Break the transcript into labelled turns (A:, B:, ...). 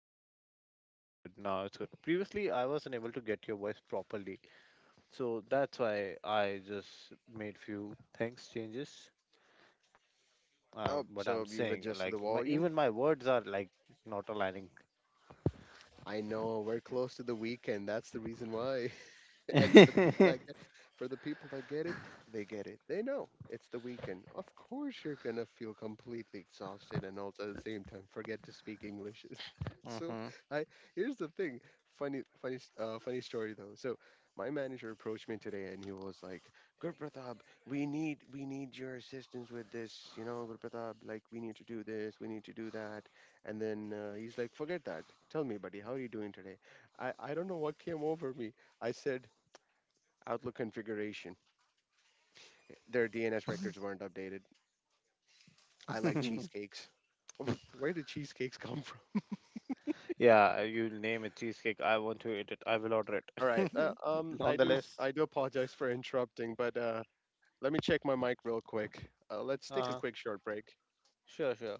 A: it's no,
B: boom.
A: it's good. Now it's good. Previously, I wasn't able to get your voice properly, so that's why I just made few things changes.
B: Oh,
A: But I'm
B: so you've
A: saying
B: adjusted
A: like
B: the volume?
A: even my words are like not aligning.
B: I know, we're close to the weekend. That's the reason why. and for the people that get for the people that get it. They know it's the weekend. Of course you're gonna feel completely exhausted and also at the same time forget to speak English. so I Here's the thing. Funny story though. So my manager approached me today and he was like, Good Pratap, we need your assistance with this, you know, Good Pratap, like we need to do this, we need to do that. And then he's like, Forget that. Tell me, buddy, how are you doing today? I don't know what came over me. I said, Outlook configuration. Their DNS records weren't updated. I like
A: Mm-hmm.
B: cheesecakes. Where did cheesecakes come from?
A: Yeah, you name a cheesecake. I want to eat it. I will order
B: All right.
A: it.
B: I
A: On the
B: do.
A: list.
B: I do apologize for interrupting, but let me check my mic real quick. Let's take a
A: Huh.
B: quick short break.
A: Sure, sure.